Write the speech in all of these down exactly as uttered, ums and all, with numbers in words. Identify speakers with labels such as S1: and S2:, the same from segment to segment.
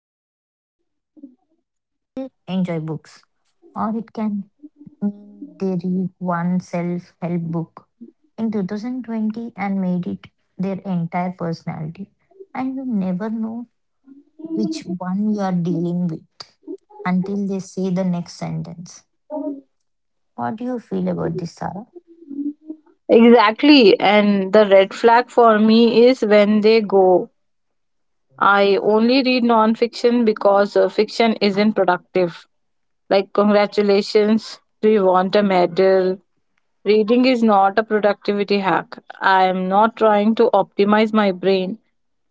S1: even they genuinely enjoy books, or it can mean they read one self-help book in two thousand twenty and made it their entire personality. And you never know which one you are dealing with until they say the next sentence. What do you feel about this, Sarah?
S2: Exactly. And the red flag for me is when they go, I only read non-fiction because uh, fiction isn't productive. Like, congratulations, do you want a medal? Reading is not a productivity hack. I am not trying to optimize my brain.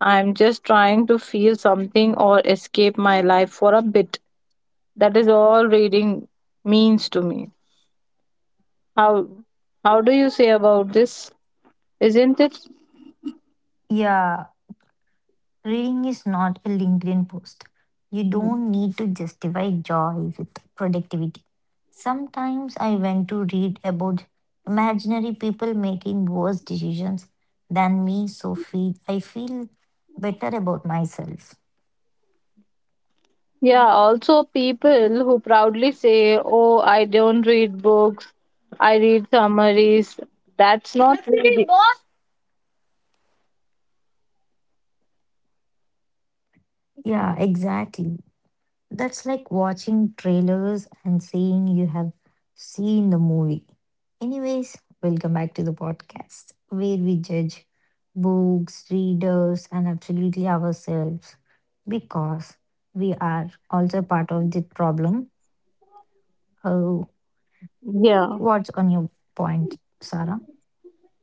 S2: I am just trying to feel something or escape my life for a bit. That is all reading means to me. How how do you say about this? Isn't it?
S1: Yeah, reading is not a LinkedIn post. You
S2: Mm.
S1: don't need to justify joy with productivity. Sometimes I went to read about imaginary people making worse decisions than me, so feel, I feel better about myself.
S2: Yeah, also people who proudly say, oh, I don't read books, I read summaries. That's not reading.
S1: Yeah, exactly. That's like watching trailers and saying you have seen the movie. Anyways, welcome back to the podcast where we judge books, readers, and absolutely ourselves because we are also part of the problem. Oh,
S2: Yeah,
S1: what's on your point, Sarah?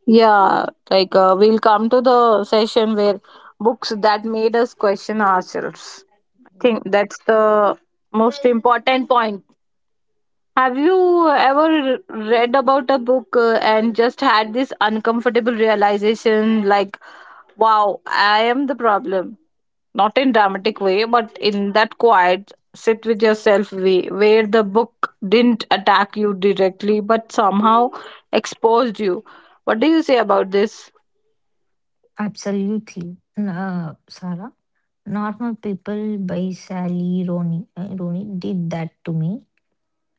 S2: yeah. Like, uh, we'll come to the session where books that made us question ourselves. I
S1: Yeah,
S2: think that's the most important point. Have you ever read about a book uh, and just had this uncomfortable realization like, wow, I am the problem? Not in dramatic way, but in that quiet sit with yourself way where the book didn't attack you directly but somehow exposed you. What do you say about this?
S1: absolutely. N- Uh, Sarah, Normal People by Sally Rooney, uh, Rooney did that to me.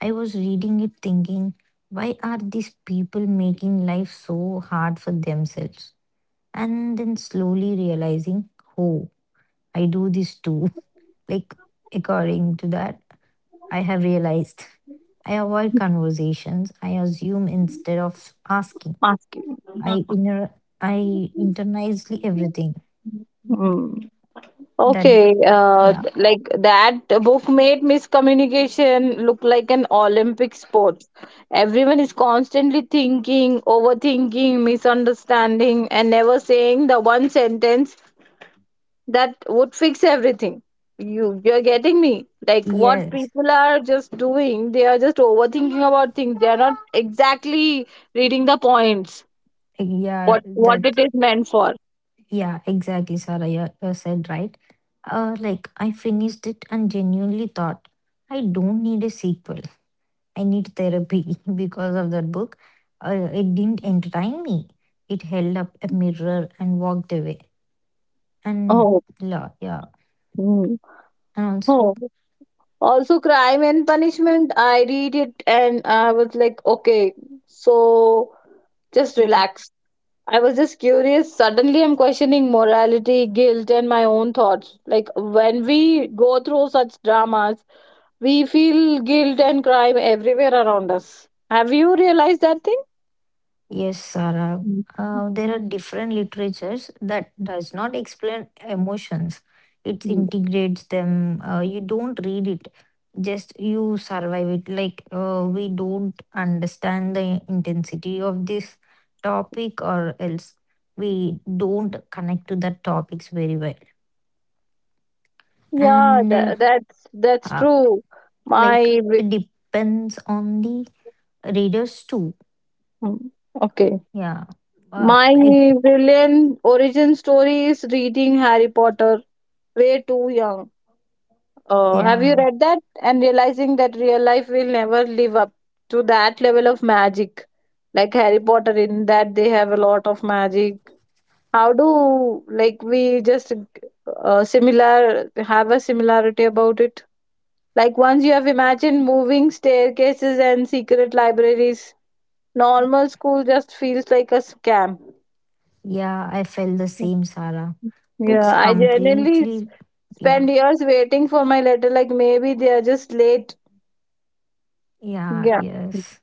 S1: I was reading it thinking, why are these people making life so hard for themselves? And then slowly realizing, oh, I do this too. Like, according to that, I have realized I avoid conversations, I assume instead of asking.
S2: Asking.
S1: I inner I internalize everything.
S2: Hmm.
S1: That
S2: Okay, uh,
S1: yeah
S2: th- like that book made miscommunication look like an Olympic sport. Everyone is constantly thinking, overthinking, misunderstanding, and never saying the one sentence that would fix everything. You you're getting me, like what
S1: yes
S2: people are just doing, they are just overthinking about things, they are not exactly reading the points,
S1: like, yeah
S2: what what it
S1: that
S2: is meant for.
S1: Yeah, exactly, Sarah. You, you said right. Uh, like, I finished it and genuinely thought, I don't need a sequel. I need therapy because of that book. Uh, it didn't entertain me. It held up a mirror and walked away. And
S2: Oh,
S1: la, yeah,
S2: mm.
S1: and also,
S2: Oh. Also, crime and punishment, I read it and I was like, okay, so just relax. I was just curious, suddenly I'm questioning morality, guilt, and my own thoughts. Like when we go through such dramas, we feel guilt and crime everywhere around us. Have you realized that thing?
S1: yes, Sarah.
S2: Mm, mm,
S1: Uh, there are different literatures that does not explain emotions. It
S2: mm.
S1: integrates them. Uh, you don't read it, just you survive it. Like uh, we don't understand the intensity of this topic, or else we don't connect to the topics very well.
S2: Yeah,
S1: And
S2: tha
S1: uh,
S2: that's that's
S1: uh,
S2: true.
S1: like
S2: My bri-
S1: it depends on the readers too.
S2: mm, okay.
S1: Yeah. Uh,
S2: My
S1: it,
S2: brilliant origin story is reading Harry Potter way too young. Uh, have you
S1: yeah.
S2: read that and realizing that real life will never live up to that level of magic? Like Harry Potter, in that they have a lot of magic, how do like we just uh, similar have a similarity about it. Like once you have imagined moving staircases and secret libraries, normal school just feels like a scam.
S1: Yeah, I felt the same, Sarah.
S2: yeah
S1: Books
S2: i generally s-
S1: completely, yeah,
S2: Spend years waiting for my letter, like maybe they are just late.
S1: yeah,
S2: Yeah.
S1: yes.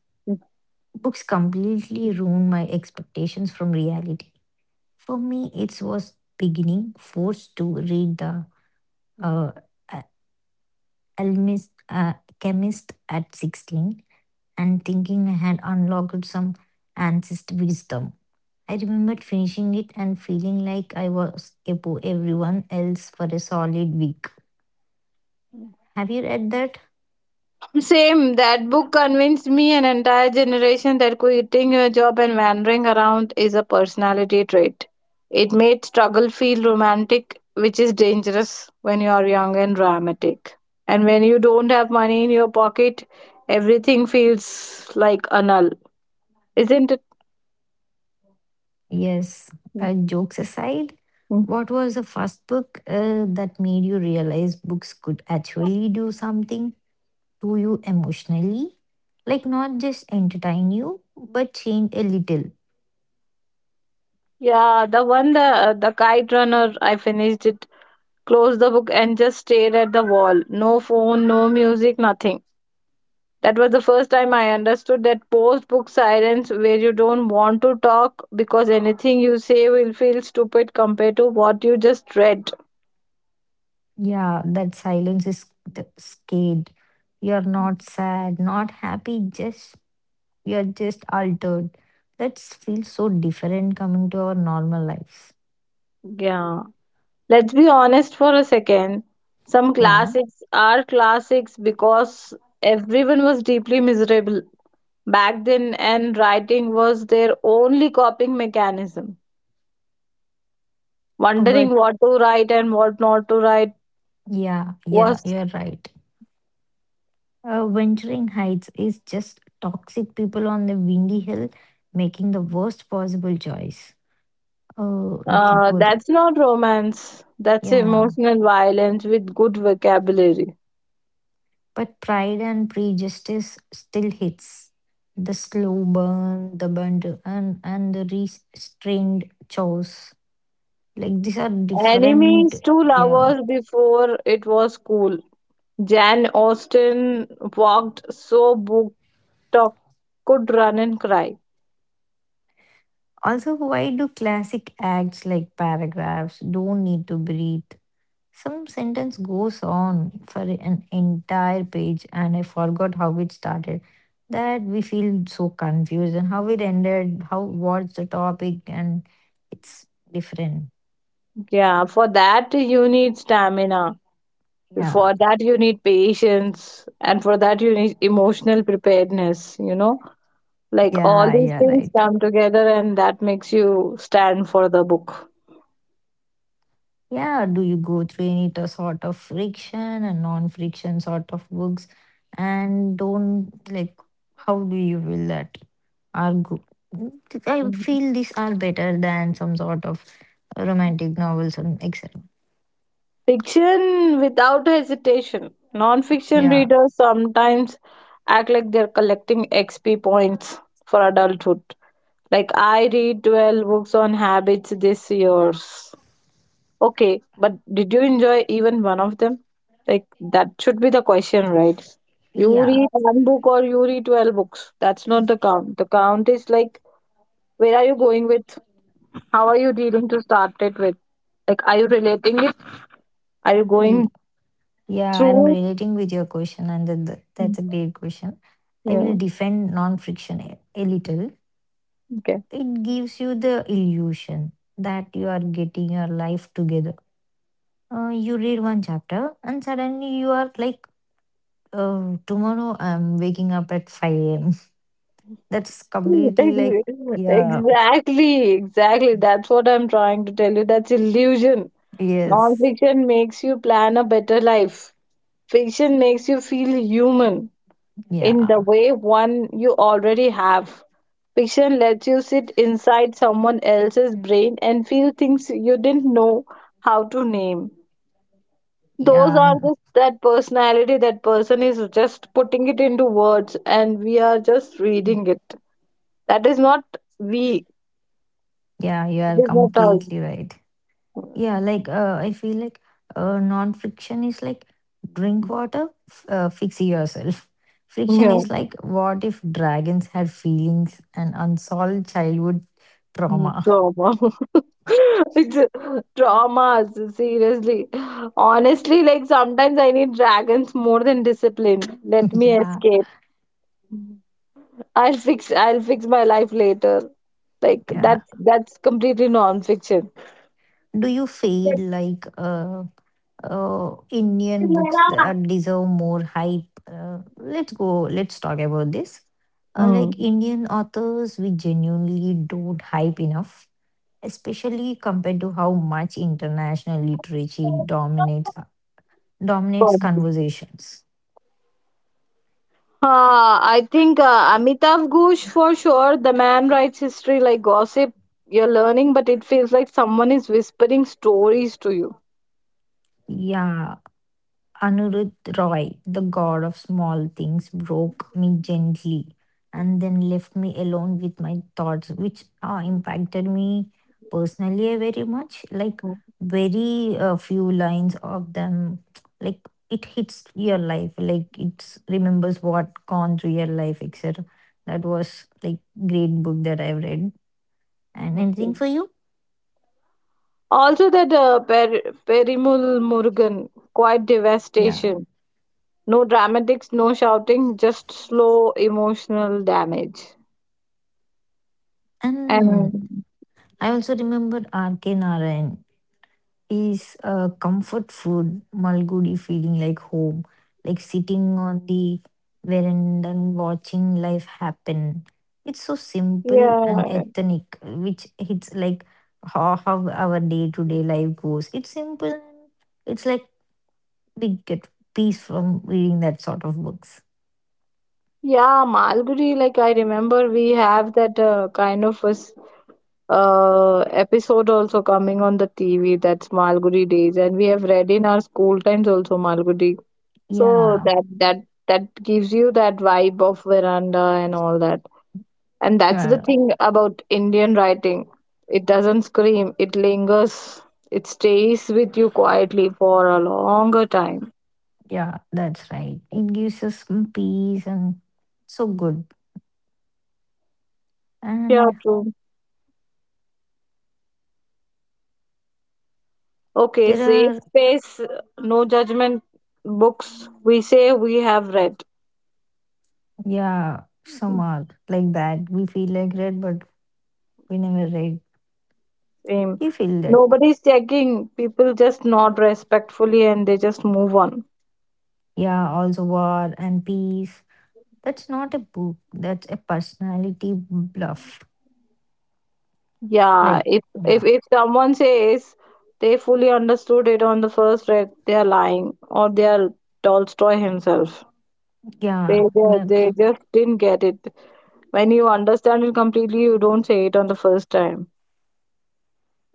S1: Books completely ruined my expectations from reality. For me, it was beginning forced to read the uh, a- alchemist, uh, chemist at sixteen and thinking I had unlocked some ancient wisdom. I remembered finishing it and feeling like I was above everyone else for a solid week. Have you read that?
S2: Same, that book convinced me an entire generation that quitting your job and wandering around is a personality trait. It made struggle feel romantic, which is dangerous when you are young and dramatic. And when you don't have money in your pocket, everything feels like a null, isn't it?
S1: Yes, uh, jokes aside,
S2: Mm.
S1: what was the first book uh, that made you realize books could actually do something to you emotionally? Like, not just entertain you, but change a little.
S2: Yeah, the one, the the kite runner, I finished it, closed the book and just stared at the wall. No phone, no music, nothing. That was the first time I understood that post book silence where you don't want to talk because anything you say will feel stupid compared to what you just read.
S1: Yeah, that silence is th- scared. You're not sad, not happy, just you're just altered. That feels so different coming to our normal lives.
S2: Yeah. Let's be honest for a second. Some
S1: Yeah,
S2: classics are classics because everyone was deeply miserable back then, and writing was their only coping mechanism.
S1: but,
S2: Wondering what to write and what not to write
S1: yeah, yeah,
S2: was.
S1: you're right. Uh, Wintering Heights is just toxic people on the windy hill making the worst possible choice. Oh, you
S2: Uh,
S1: could,
S2: that's not romance. That's
S1: yeah.
S2: emotional violence with good vocabulary.
S1: But Pride and Prejudice still hits. The slow burn, the burnt, and and the restrained chores. Like these are different,
S2: Enemies two
S1: yeah.
S2: lovers before it was cool. Jan Austen walked so book talk could run and cry.
S1: Also, why do classic acts like paragraphs don't need to breathe? Some sentence goes on for an entire page, and I forgot how it started. That we feel so confused and how it ended, how what's the topic, and it's different.
S2: Yeah, for that you need stamina.
S1: Yeah,
S2: For that you need patience, and for that you need emotional preparedness. You know, like all
S1: yeah,
S2: these
S1: yeah,
S2: things
S1: right.
S2: come together, and that makes you stand for the book.
S1: Yeah, do you go through any t- sort of friction and non-friction sort of books, and don't like how do you feel that are good? I feel these are better than some sort of romantic novels and et cetera.
S2: Fiction without hesitation. Non-fiction
S1: Yeah,
S2: readers sometimes act like they're collecting X P points for adulthood. Like I read twelve books on habits this year's. Okay, but did you enjoy even one of them? Like that should be the question, right? You
S1: yeah,
S2: read one book or you read twelve books. That's not the count. The count is like, where are you going with? How are you dealing to start it with? Like are you relating it? Are you going
S1: Y- yeah. I'm
S2: through?
S1: relating with your question, and that that- that's a great question. I
S2: Yeah.
S1: will defend non-friction a, a little.
S2: Okay.
S1: It gives you the illusion that you are getting your life together. Uh, you read one chapter, and suddenly you are like, uh, tomorrow I'm waking up at five a m That's completely like, yeah,
S2: Exactly, exactly. That's what I'm trying to tell you. That's illusion.
S1: yes,
S2: Non-fiction makes you plan a better life. Fiction makes you feel human in
S1: yeah,
S2: the way one you already have. Fiction lets you sit inside someone else's brain and feel things you didn't know how to name. Those
S1: yeah,
S2: are
S1: n-
S2: just that personality, that person is just putting it into words, and we are just reading it. That is not we.
S1: yeah. You
S2: It
S1: are
S2: is not us.
S1: completely right. Yeah, like uh, I feel like uh, non-friction is like drink water, f- uh, fix yourself. Friction
S2: Yeah,
S1: is like what if dragons had feelings and unsolved childhood
S2: mm,
S1: trauma?
S2: trauma. It's a- Traumas, seriously. Honestly, like sometimes I need dragons more than discipline. Let me
S1: Yeah,
S2: escape. I'll fix I'll fix my life later. Like
S1: yeah.
S2: that's that's completely non-fiction.
S1: Do you feel like uh, uh, Indian books that deserve more hype? Uh, let's go. Let's talk about this. Uh, like,
S2: Mm.
S1: Indian authors, we genuinely don't hype enough, especially compared to how much international literature dominates dominates conversations.
S2: Uh, I think uh, Amitav Ghosh for sure. The man writes history like gossip. You're learning, but it feels like someone is whispering stories to you.
S1: Yeah, Anuruddh Roy, the God of Small Things, broke me gently and then left me alone with my thoughts, which uh, impacted me personally uh, very much. Like,
S2: Mm,
S1: very uh, few lines of them, like, it hits your life, like, it remembers what gone through your life, et cetera. That was like great book that I've read. And
S2: okay.
S1: anything for you?
S2: Also, that uh, per- Perimul Murugan, quite
S1: Yeah.
S2: devastation. No dramatics, no shouting, just slow emotional damage.
S1: And
S2: And
S1: I also remembered R K. Narayan, is a comfort food Malgudi feeling like home, like sitting on the veranda and watching life happen. It's so simple and
S2: yeah,
S1: ethnic, which hits like how, how our day-to-day life goes. It's simple, and it's like we get peace from reading that sort of books.
S2: yeah, Malgudi, like I remember we have that uh, kind of a uh, episode also coming on the T V. That's Malgudi Days, and we have read in our school times also Malgudi. So
S1: Yeah,
S2: that that that gives you that vibe of veranda and all that. And that's the
S1: yeah,
S2: thing about Indian writing. It doesn't scream. It lingers. It stays with you quietly for a longer time.
S1: yeah, that's right. It gives us some peace and so good.
S2: Yeah,
S1: And
S2: true. Okay,
S1: there
S2: safe
S1: are...
S2: space, no judgment books. We say we have read.
S1: Yeah, some are like that. We feel like red, but we never read.
S2: Same.
S1: You feel that.
S2: Nobody's checking. People just nod respectfully and they just move on.
S1: Yeah, also War and Peace. That's not a book. That's a personality bluff.
S2: Yeah,
S1: Like,
S2: if if
S1: yeah,
S2: if someone says they fully understood it on the first read, they are lying or they are Tolstoy himself. They
S1: yeah.
S2: they,
S1: That.
S2: they just didn't get it. When you understand it completely, you don't say it on the first time.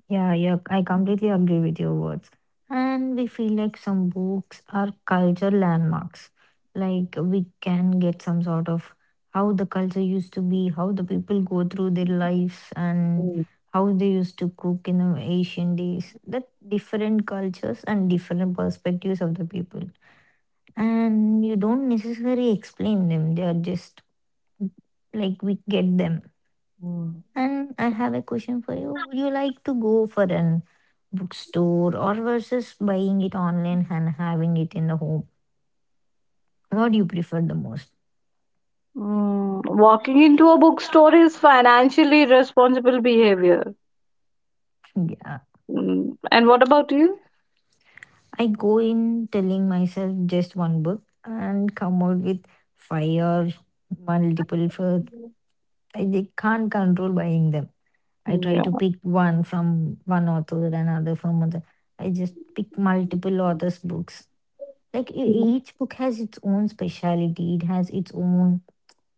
S1: Yeah, yeah, I completely agree with your words. And we feel like some books are culture landmarks. Like we can get some sort of how the culture used to be, how the people go through their lives, and
S2: Mm,
S1: how they used to cook in the ancient days. That different cultures and different perspectives of the people. And you don't necessarily explain them, they are just like we get them.
S2: mm.
S1: And I have a question for you. Would you like to go for an bookstore or versus buying it online and having it in the home? What do you prefer the most?
S2: Mm, walking into a bookstore is financially irresponsible behavior.
S1: Yeah.
S2: Mm, and what about you?
S1: I go in telling myself just one book and come out with five or multiple for I they can't control buying them. I try
S2: Yeah.
S1: to pick one from one author, another from other. I just pick multiple authors' books. Like e- each book has its own speciality, it has its own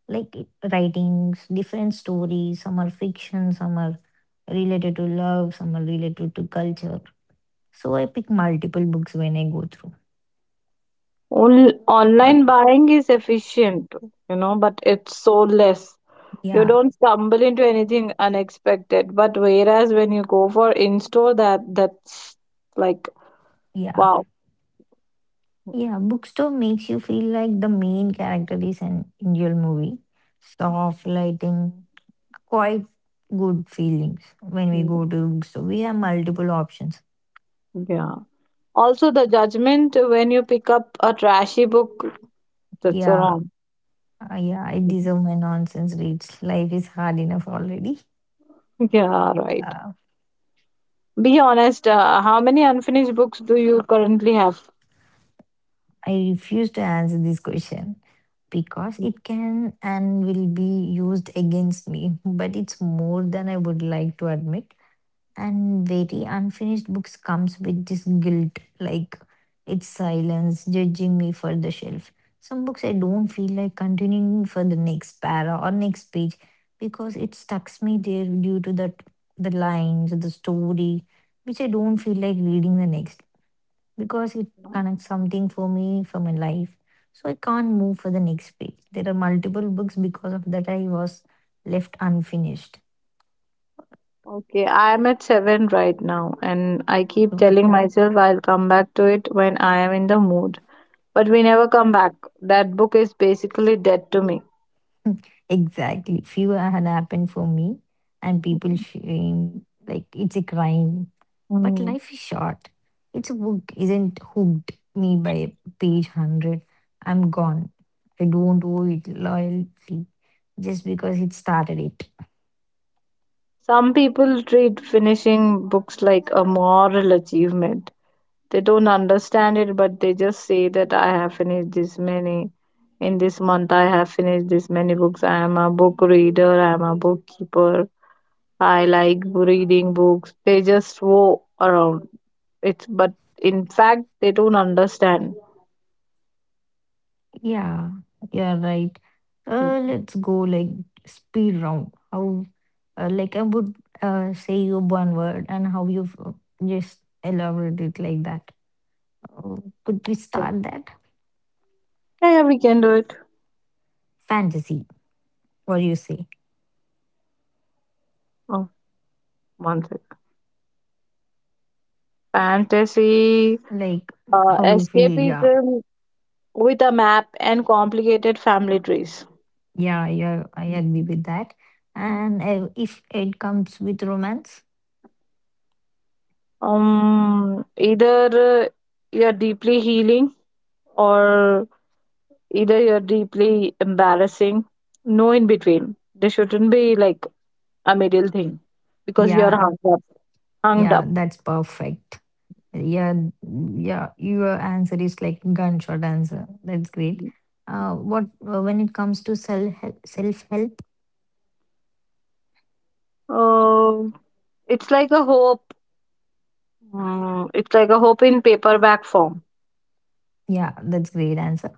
S1: like it- writings, different stories. Some are fiction, some are related to love, some are related to culture. So I pick multiple books when I go through.
S2: Onl
S1: But
S2: online buying is efficient, you know, but it's so less. You
S1: yeah,
S2: don't stumble into anything unexpected. But whereas when you go for in-store, that that's like
S1: yeah,
S2: wow.
S1: yeah. Bookstore makes you feel like the main character is an Indian movie. Soft lighting, quite good feelings when we
S2: Mm,
S1: go to bookstore. We have multiple options.
S2: yeah. Also, the judgment when you pick up a trashy book, that's
S1: Yeah,
S2: wrong.
S1: uh, yeah. I deserve my nonsense reads. Life is hard enough already.
S2: Yeah, right.
S1: Yeah.
S2: Be honest, uh, how many unfinished books do you currently have?
S1: I refuse to answer this question, because it can and will be used against me, but it's more than I would like to admit. And very unfinished books comes with this guilt, like its silence judging me for the shelf. Some books I don't feel like continuing for the next para or next page because it stucks me there due to that the lines, the story, which I don't feel like reading the next because it connects something for me for my life. So I can't move for the next page. There are multiple books because of that I was left unfinished.
S2: Okay, I am at seven right now, and I keep
S1: So
S2: telling myself I'll come back to it when I am in the mood. But we never come back. That book is basically dead to me.
S1: exactly, few had happened for me, and people shame like it's a crime. But
S2: Mm.
S1: life is short. It's a book isn't hooked me by page hundred. I'm gone. I don't owe it loyalty just because it started it.
S2: Some people treat finishing books like a moral achievement. They don't understand it, but they just say that I have finished this many. In this month, I have finished this many books. I am a book reader, I am a bookkeeper. I like reading books. They just go around. It's but in fact they don't understand.
S1: Yeah, yeah, right.
S2: Okay.
S1: Uh, let's go like speed round. How, uh, like I would uh, say you one word and how you uh, just elaborate it like that. Uh, could we start that?
S2: Yeah, yeah, we can do it.
S1: Fantasy. What do you say?
S2: Oh, one second. Fantasy,
S1: Like
S2: uh,
S1: how you feel? Yeah,
S2: escapism with a map and complicated family trees.
S1: yeah, yeah. I agree with that. And uh, if it comes with romance,
S2: Um, either uh, you're deeply healing or either you're deeply embarrassing. No in between. There shouldn't be like a middle thing because you're
S1: yeah,
S2: hung up. Hung
S1: yeah,
S2: up.
S1: that's perfect. Yeah, yeah, your answer is like gunshot answer. That's great. Uh, what uh, when it comes to self self help?
S2: Uh, it's like a hope. Mm, it's like a hope in paperback form.
S1: Yeah, that's great answer.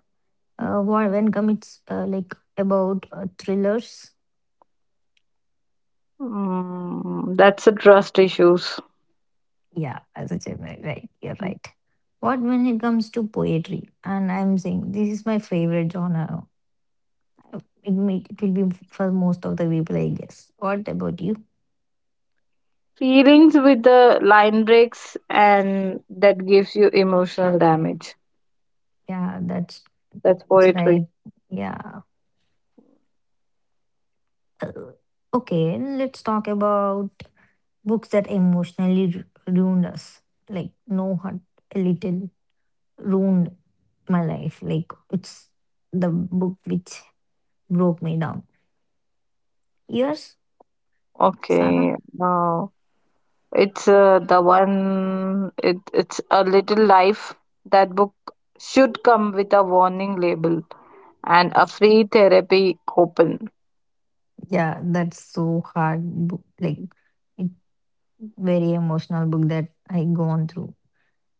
S1: Uh, what when comes uh, like about uh, thrillers?
S2: Mm, that's a trust issues.
S1: Yeah, as a general, right? You're right. What when it comes to poetry? And I'm saying this is my favorite genre. It may, it will be for most of the people, I guess. What about you?
S2: Feelings with the line breaks, and that gives you emotional damage.
S1: Yeah, that's
S2: That's
S1: it's
S2: poetry.
S1: right. Yeah. Uh, Okay, let's talk about books that emotionally ru- ruined us. Like No Hurt a Little ruined my life. Like it's the book which broke me down. Yours,
S2: Okay.
S1: Sarah?
S2: Now it's uh, the one. It it's a little life. That book should come with a warning label and a free therapy coupon.
S1: Yeah, that's so hard book. Like it very emotional book that I gone through.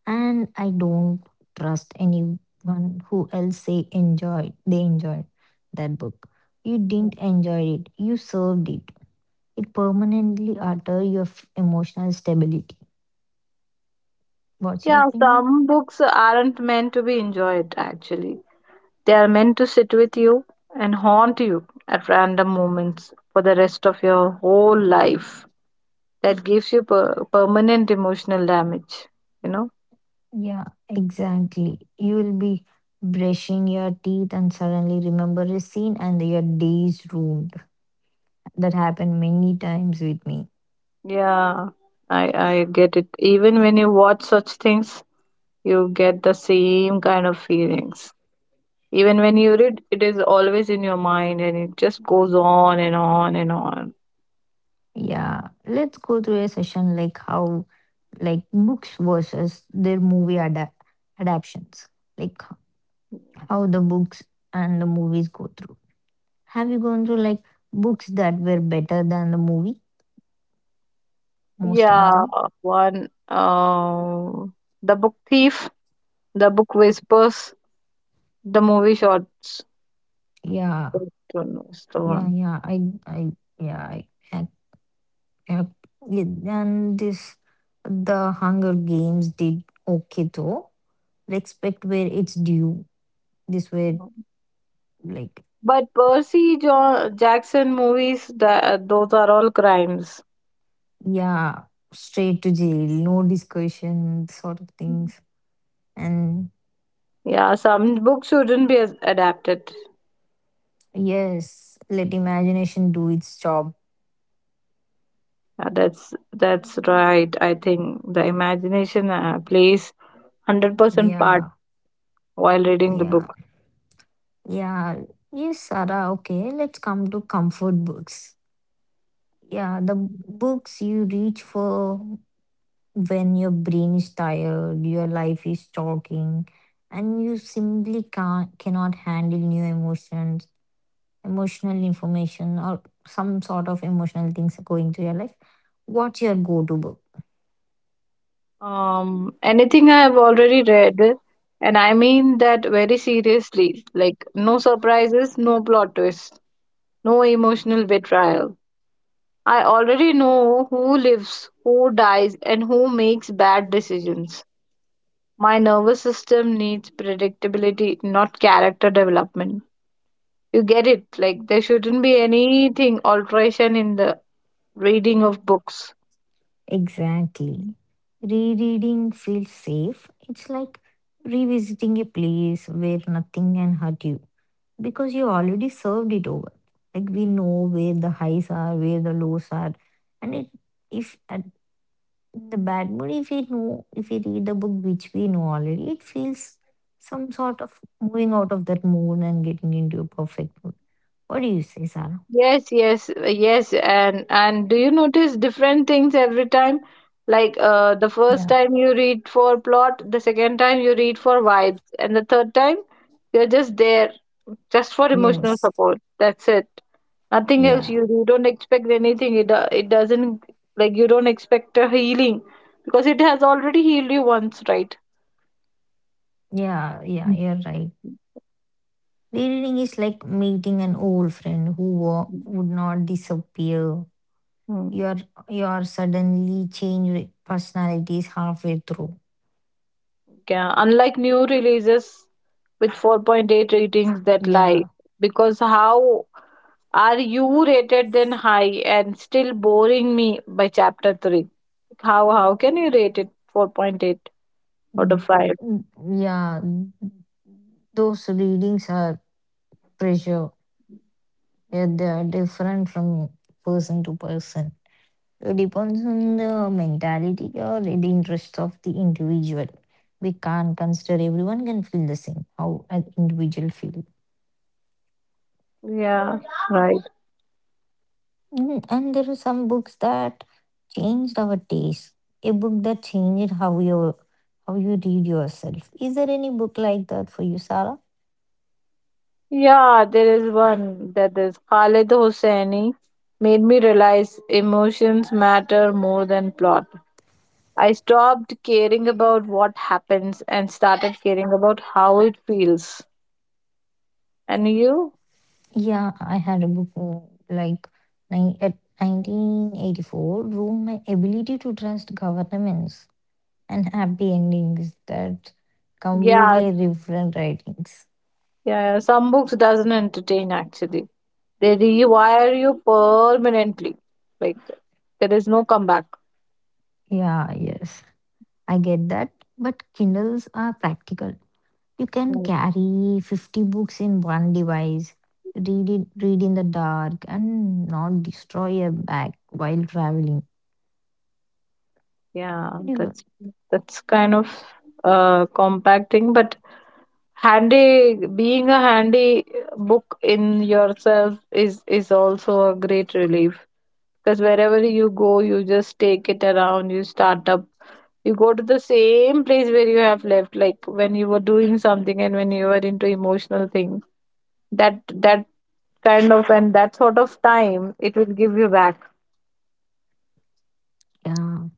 S1: And I don't trust anyone who else say enjoy. They enjoyed that book. You didn't enjoy it. You served it. It permanently alter your f- emotional stability. What's your
S2: Yeah,
S1: opinion?
S2: some books aren't meant to be enjoyed, actually. They are meant to sit with you and haunt you at random moments for the rest of your whole life. That gives you per- permanent emotional damage, you know?
S1: Yeah, exactly. You will be brushing your teeth and suddenly remember a scene and your day is ruined. That happened many times with me.
S2: Yeah, I, I get it. Even when you watch such things, you get the same kind of feelings. Even when you read, it is always in your mind and it just goes on and on and on.
S1: Yeah, let's go through a session like how like books versus their movie ada- adaptations. Like h- how the books and the movies go through. Have you gone through like books that were better than the movie? Most of
S2: Yeah,
S1: them.
S2: one. Um, the book thief, the book whispers, the movie shorts.
S1: Yeah.
S2: That one was the
S1: Yeah,
S2: one.
S1: yeah. I, I, yeah, I, I, I yeah, and this, the Hunger Games did okay though. Respect where it's due. This were like,
S2: But Percy jo- Jackson movies, that those are all crimes.
S1: yeah, straight to jail, no discussion, sort of things. And
S2: Yeah, some books shouldn't be as- adapted.
S1: yes, let imagination do its job.
S2: Yeah, that's that's right. I think the imagination uh, plays hundred percent part
S1: Yeah,
S2: while reading the
S1: yeah,
S2: book.
S1: yeah. Yes, Sarah, okay, let's come to comfort books. Yeah, the books you reach for when your brain is tired, your life is talking, and you simply can't cannot handle new emotions, emotional information, or some sort of emotional things are going through your life. What's your go-to book?
S2: Um, anything I have already read, and I mean that very seriously. Like, no surprises, no plot twists, no emotional betrayal. I already know who lives, who dies, and who makes bad decisions. My nervous system needs predictability, not character development. You get it? Like, there shouldn't be anything alteration in the reading of books.
S1: Exactly. Rereading feels safe. It's like revisiting a place where nothing can hurt you because you already served it over. Like we know where the highs are, where the lows are, and it if at In the bad mood, if we know, if we read the book which we know already, it feels some sort of moving out of that mood and getting into a perfect mood. What do you say, Sarah?
S2: Yes, yes, yes, and and do you notice different things every time? Like uh, the first
S1: Yeah.
S2: time you read for plot, the second time you read for vibes, and the third time you're just there just for emotional
S1: Yes.
S2: support. That's it. Nothing else.
S1: Yeah.
S2: You you don't expect anything. It do- it doesn't, like you don't expect a healing because it has already healed you once, right?
S1: Yeah. Yeah.
S2: Mm.
S1: You're right. Rereading is like meeting an old friend who wa- would not disappear.
S2: Mm.
S1: Your your suddenly change personalities halfway through.
S2: Yeah, unlike new releases with four point eight ratings that lie,
S1: Yeah.
S2: because how are you rated then high and still boring me by chapter three? How how can you rate it four point eight out
S1: Mm,
S2: of five?
S1: mm, Yeah. Those readings are pressure. Yeah, they are different from person to person. It depends on the mentality or the interest of the individual. We can't consider everyone can feel the same, how an individual feel.
S2: Yeah, right.
S1: Mm, and there are some books that changed our taste. A book that changed how you how you read yourself. Is there any book like that for you, Sarah?
S2: Yeah, there is one that is Khalid Hosseini made me realize emotions matter more than plot. I stopped caring about what happens and started caring about how it feels. And you?
S1: Yeah, I had a book mm, like nine, at nineteen eighty-four ruined my ability to trust governments. And happy endings that
S2: Yeah,
S1: completely different writings.
S2: yeah. Some books doesn't entertain actually. They rewire you permanently. Like there is no comeback.
S1: Yeah, yes. I get that, but Kindles are practical. You can
S2: Mm.
S1: carry fifty books in one device, read it, read in the dark, and not destroy a bag while traveling.
S2: Yeah,
S1: Pretty good.
S2: that's that's kind of uh compacting, but handy being a handy book in yourself is is also a great relief because wherever you go, you just take it around, you start up, you go to the same place where you have left like when you were doing something and when you were into emotional thing, that that kind of and that sort of time it will give you back.
S1: Yeah.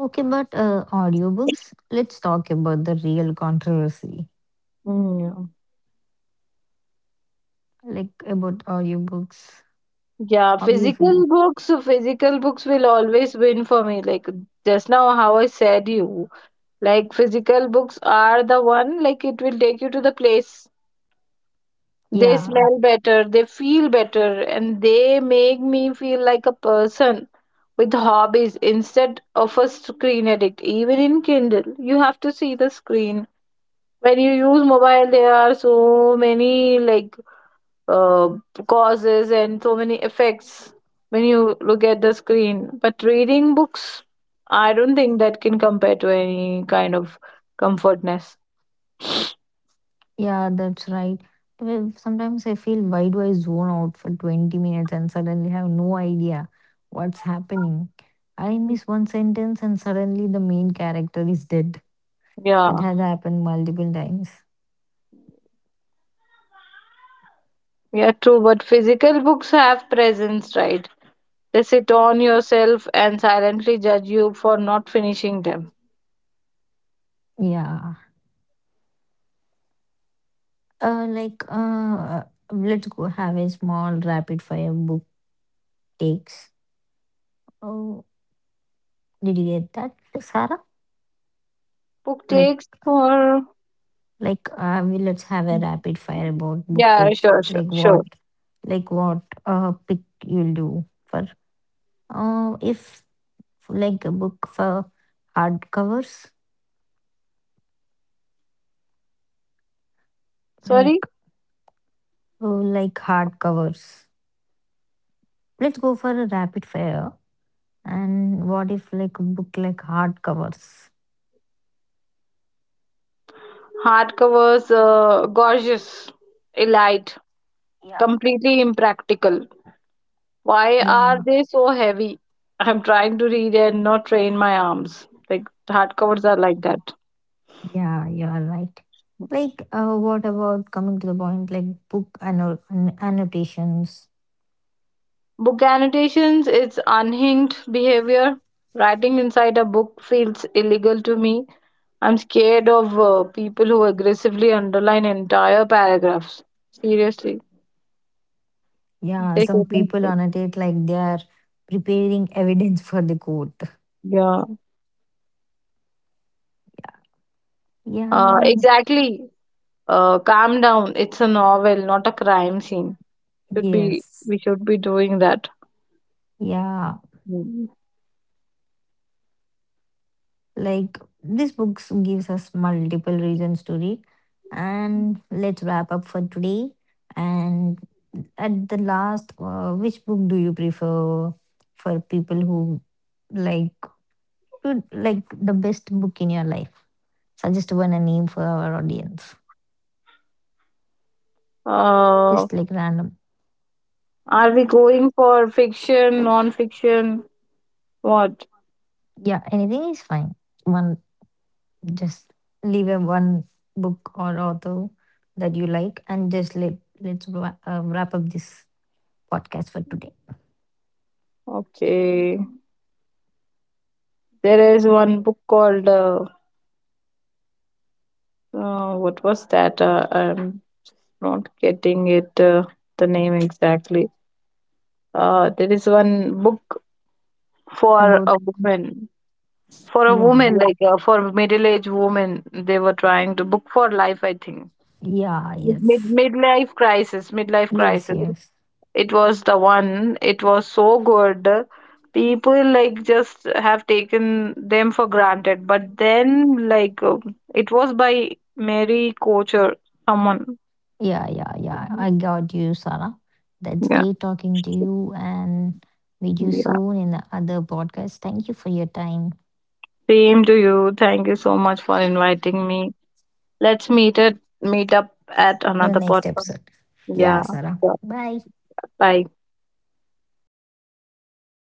S1: Okay, but uh, audiobooks, let's talk about the real controversy.
S2: Mm.
S1: Like about audiobooks,
S2: Yeah,
S1: how you
S2: physical
S1: feel?
S2: books, physical books will always win for me. Like just now, how I said you, like physical books are the one, like it will take you to the place. They
S1: Yeah.
S2: smell better, they feel better, and they make me feel like a person with hobbies instead of a screen addict. Even in Kindle, you have to see the screen. When you use mobile, there are so many like uh, causes and so many effects when you look at the screen. But reading books, I don't think that can compare to any kind of comfortness.
S1: Yeah, that's right. Well, sometimes I feel, why do I zone out for twenty minutes and suddenly have no idea what's happening? I miss one sentence and suddenly the main character is dead. That
S2: Yeah,
S1: has happened multiple times.
S2: yeah, true. But physical books have presence, right? They sit on yourself and silently judge you for not finishing them.
S1: Yeah. Uh, like, uh, uh, let's go have a small rapid fire book takes. Oh, did you get that, Sarah?
S2: Book
S1: Like,
S2: takes for
S1: like, uh, we Let's have a rapid fire about book
S2: yeah,
S1: takes.
S2: sure, sure,
S1: Like what?
S2: sure.
S1: Like what? Uh, pick you'll do for Uh, if like a book for hardcovers,
S2: Sorry,
S1: like uh, like Hardcovers. Let's go for a rapid fire. And what if like a book like hardcovers?
S2: hardcovers, uh, gorgeous, elite,
S1: Yeah,
S2: completely impractical. Why are
S1: yeah,
S2: they so heavy? I'm trying to read and not train my arms. Like hardcovers are like that.
S1: yeah. You are right. Like, uh, what about coming to the point? Like book anno- an- annotations.
S2: Book annotations, it's unhinged behavior. Writing inside a book feels illegal to me. I'm scared of uh, people who aggressively underline entire paragraphs. Seriously.
S1: Yeah,
S2: They
S1: some
S2: couldn't
S1: people
S2: put-
S1: annotate like they are preparing evidence for the court.
S2: Yeah, uh,
S1: Yeah.
S2: exactly. Uh, calm down. It's a novel, not a crime scene. Should be
S1: Yes.
S2: we should be doing that.
S1: Yeah.
S2: Mm.
S1: Like this book gives us multiple reasons to read. And let's wrap up for today. And at the last, uh, which book do you prefer for people who like to like the best book in your life? Suggest one and name for our audience.
S2: Uh,
S1: Just like random.
S2: are we going for fiction, non-fiction? What?
S1: Yeah, anything is fine. One just Leave a one book or author that you like, and just let let's wra- uh, wrap up this podcast for today.
S2: Okay. There is one book called uh, uh, what was that? Uh, I'm not getting it. Uh, the name exactly. Uh, there is one book for
S1: About,
S2: a woman. For a
S1: yeah,
S2: woman like uh, for middle-aged woman, they were trying to book for life, I think.
S1: yeah,
S2: Mid-
S1: yes,
S2: midlife crisis, midlife
S1: yes,
S2: crisis.
S1: yes,
S2: It was the one. It was so good. People like just have taken them for granted, but then like um, it was by Mary Koch or someone.
S1: yeah, yeah, yeah,
S2: Mhm.
S1: I got you, Sarah. That's
S2: Yeah,
S1: great talking to you, and meet you
S2: yeah,
S1: soon in the other podcast. Thank you for your time.
S2: same to you. Thank you so much for inviting me. Let's meet at, meet up at
S1: In the
S2: another
S1: next
S2: podcast.
S1: episode.
S2: Yeah,
S1: Yeah, Sarah,
S2: yeah.
S1: bye.
S2: Bye.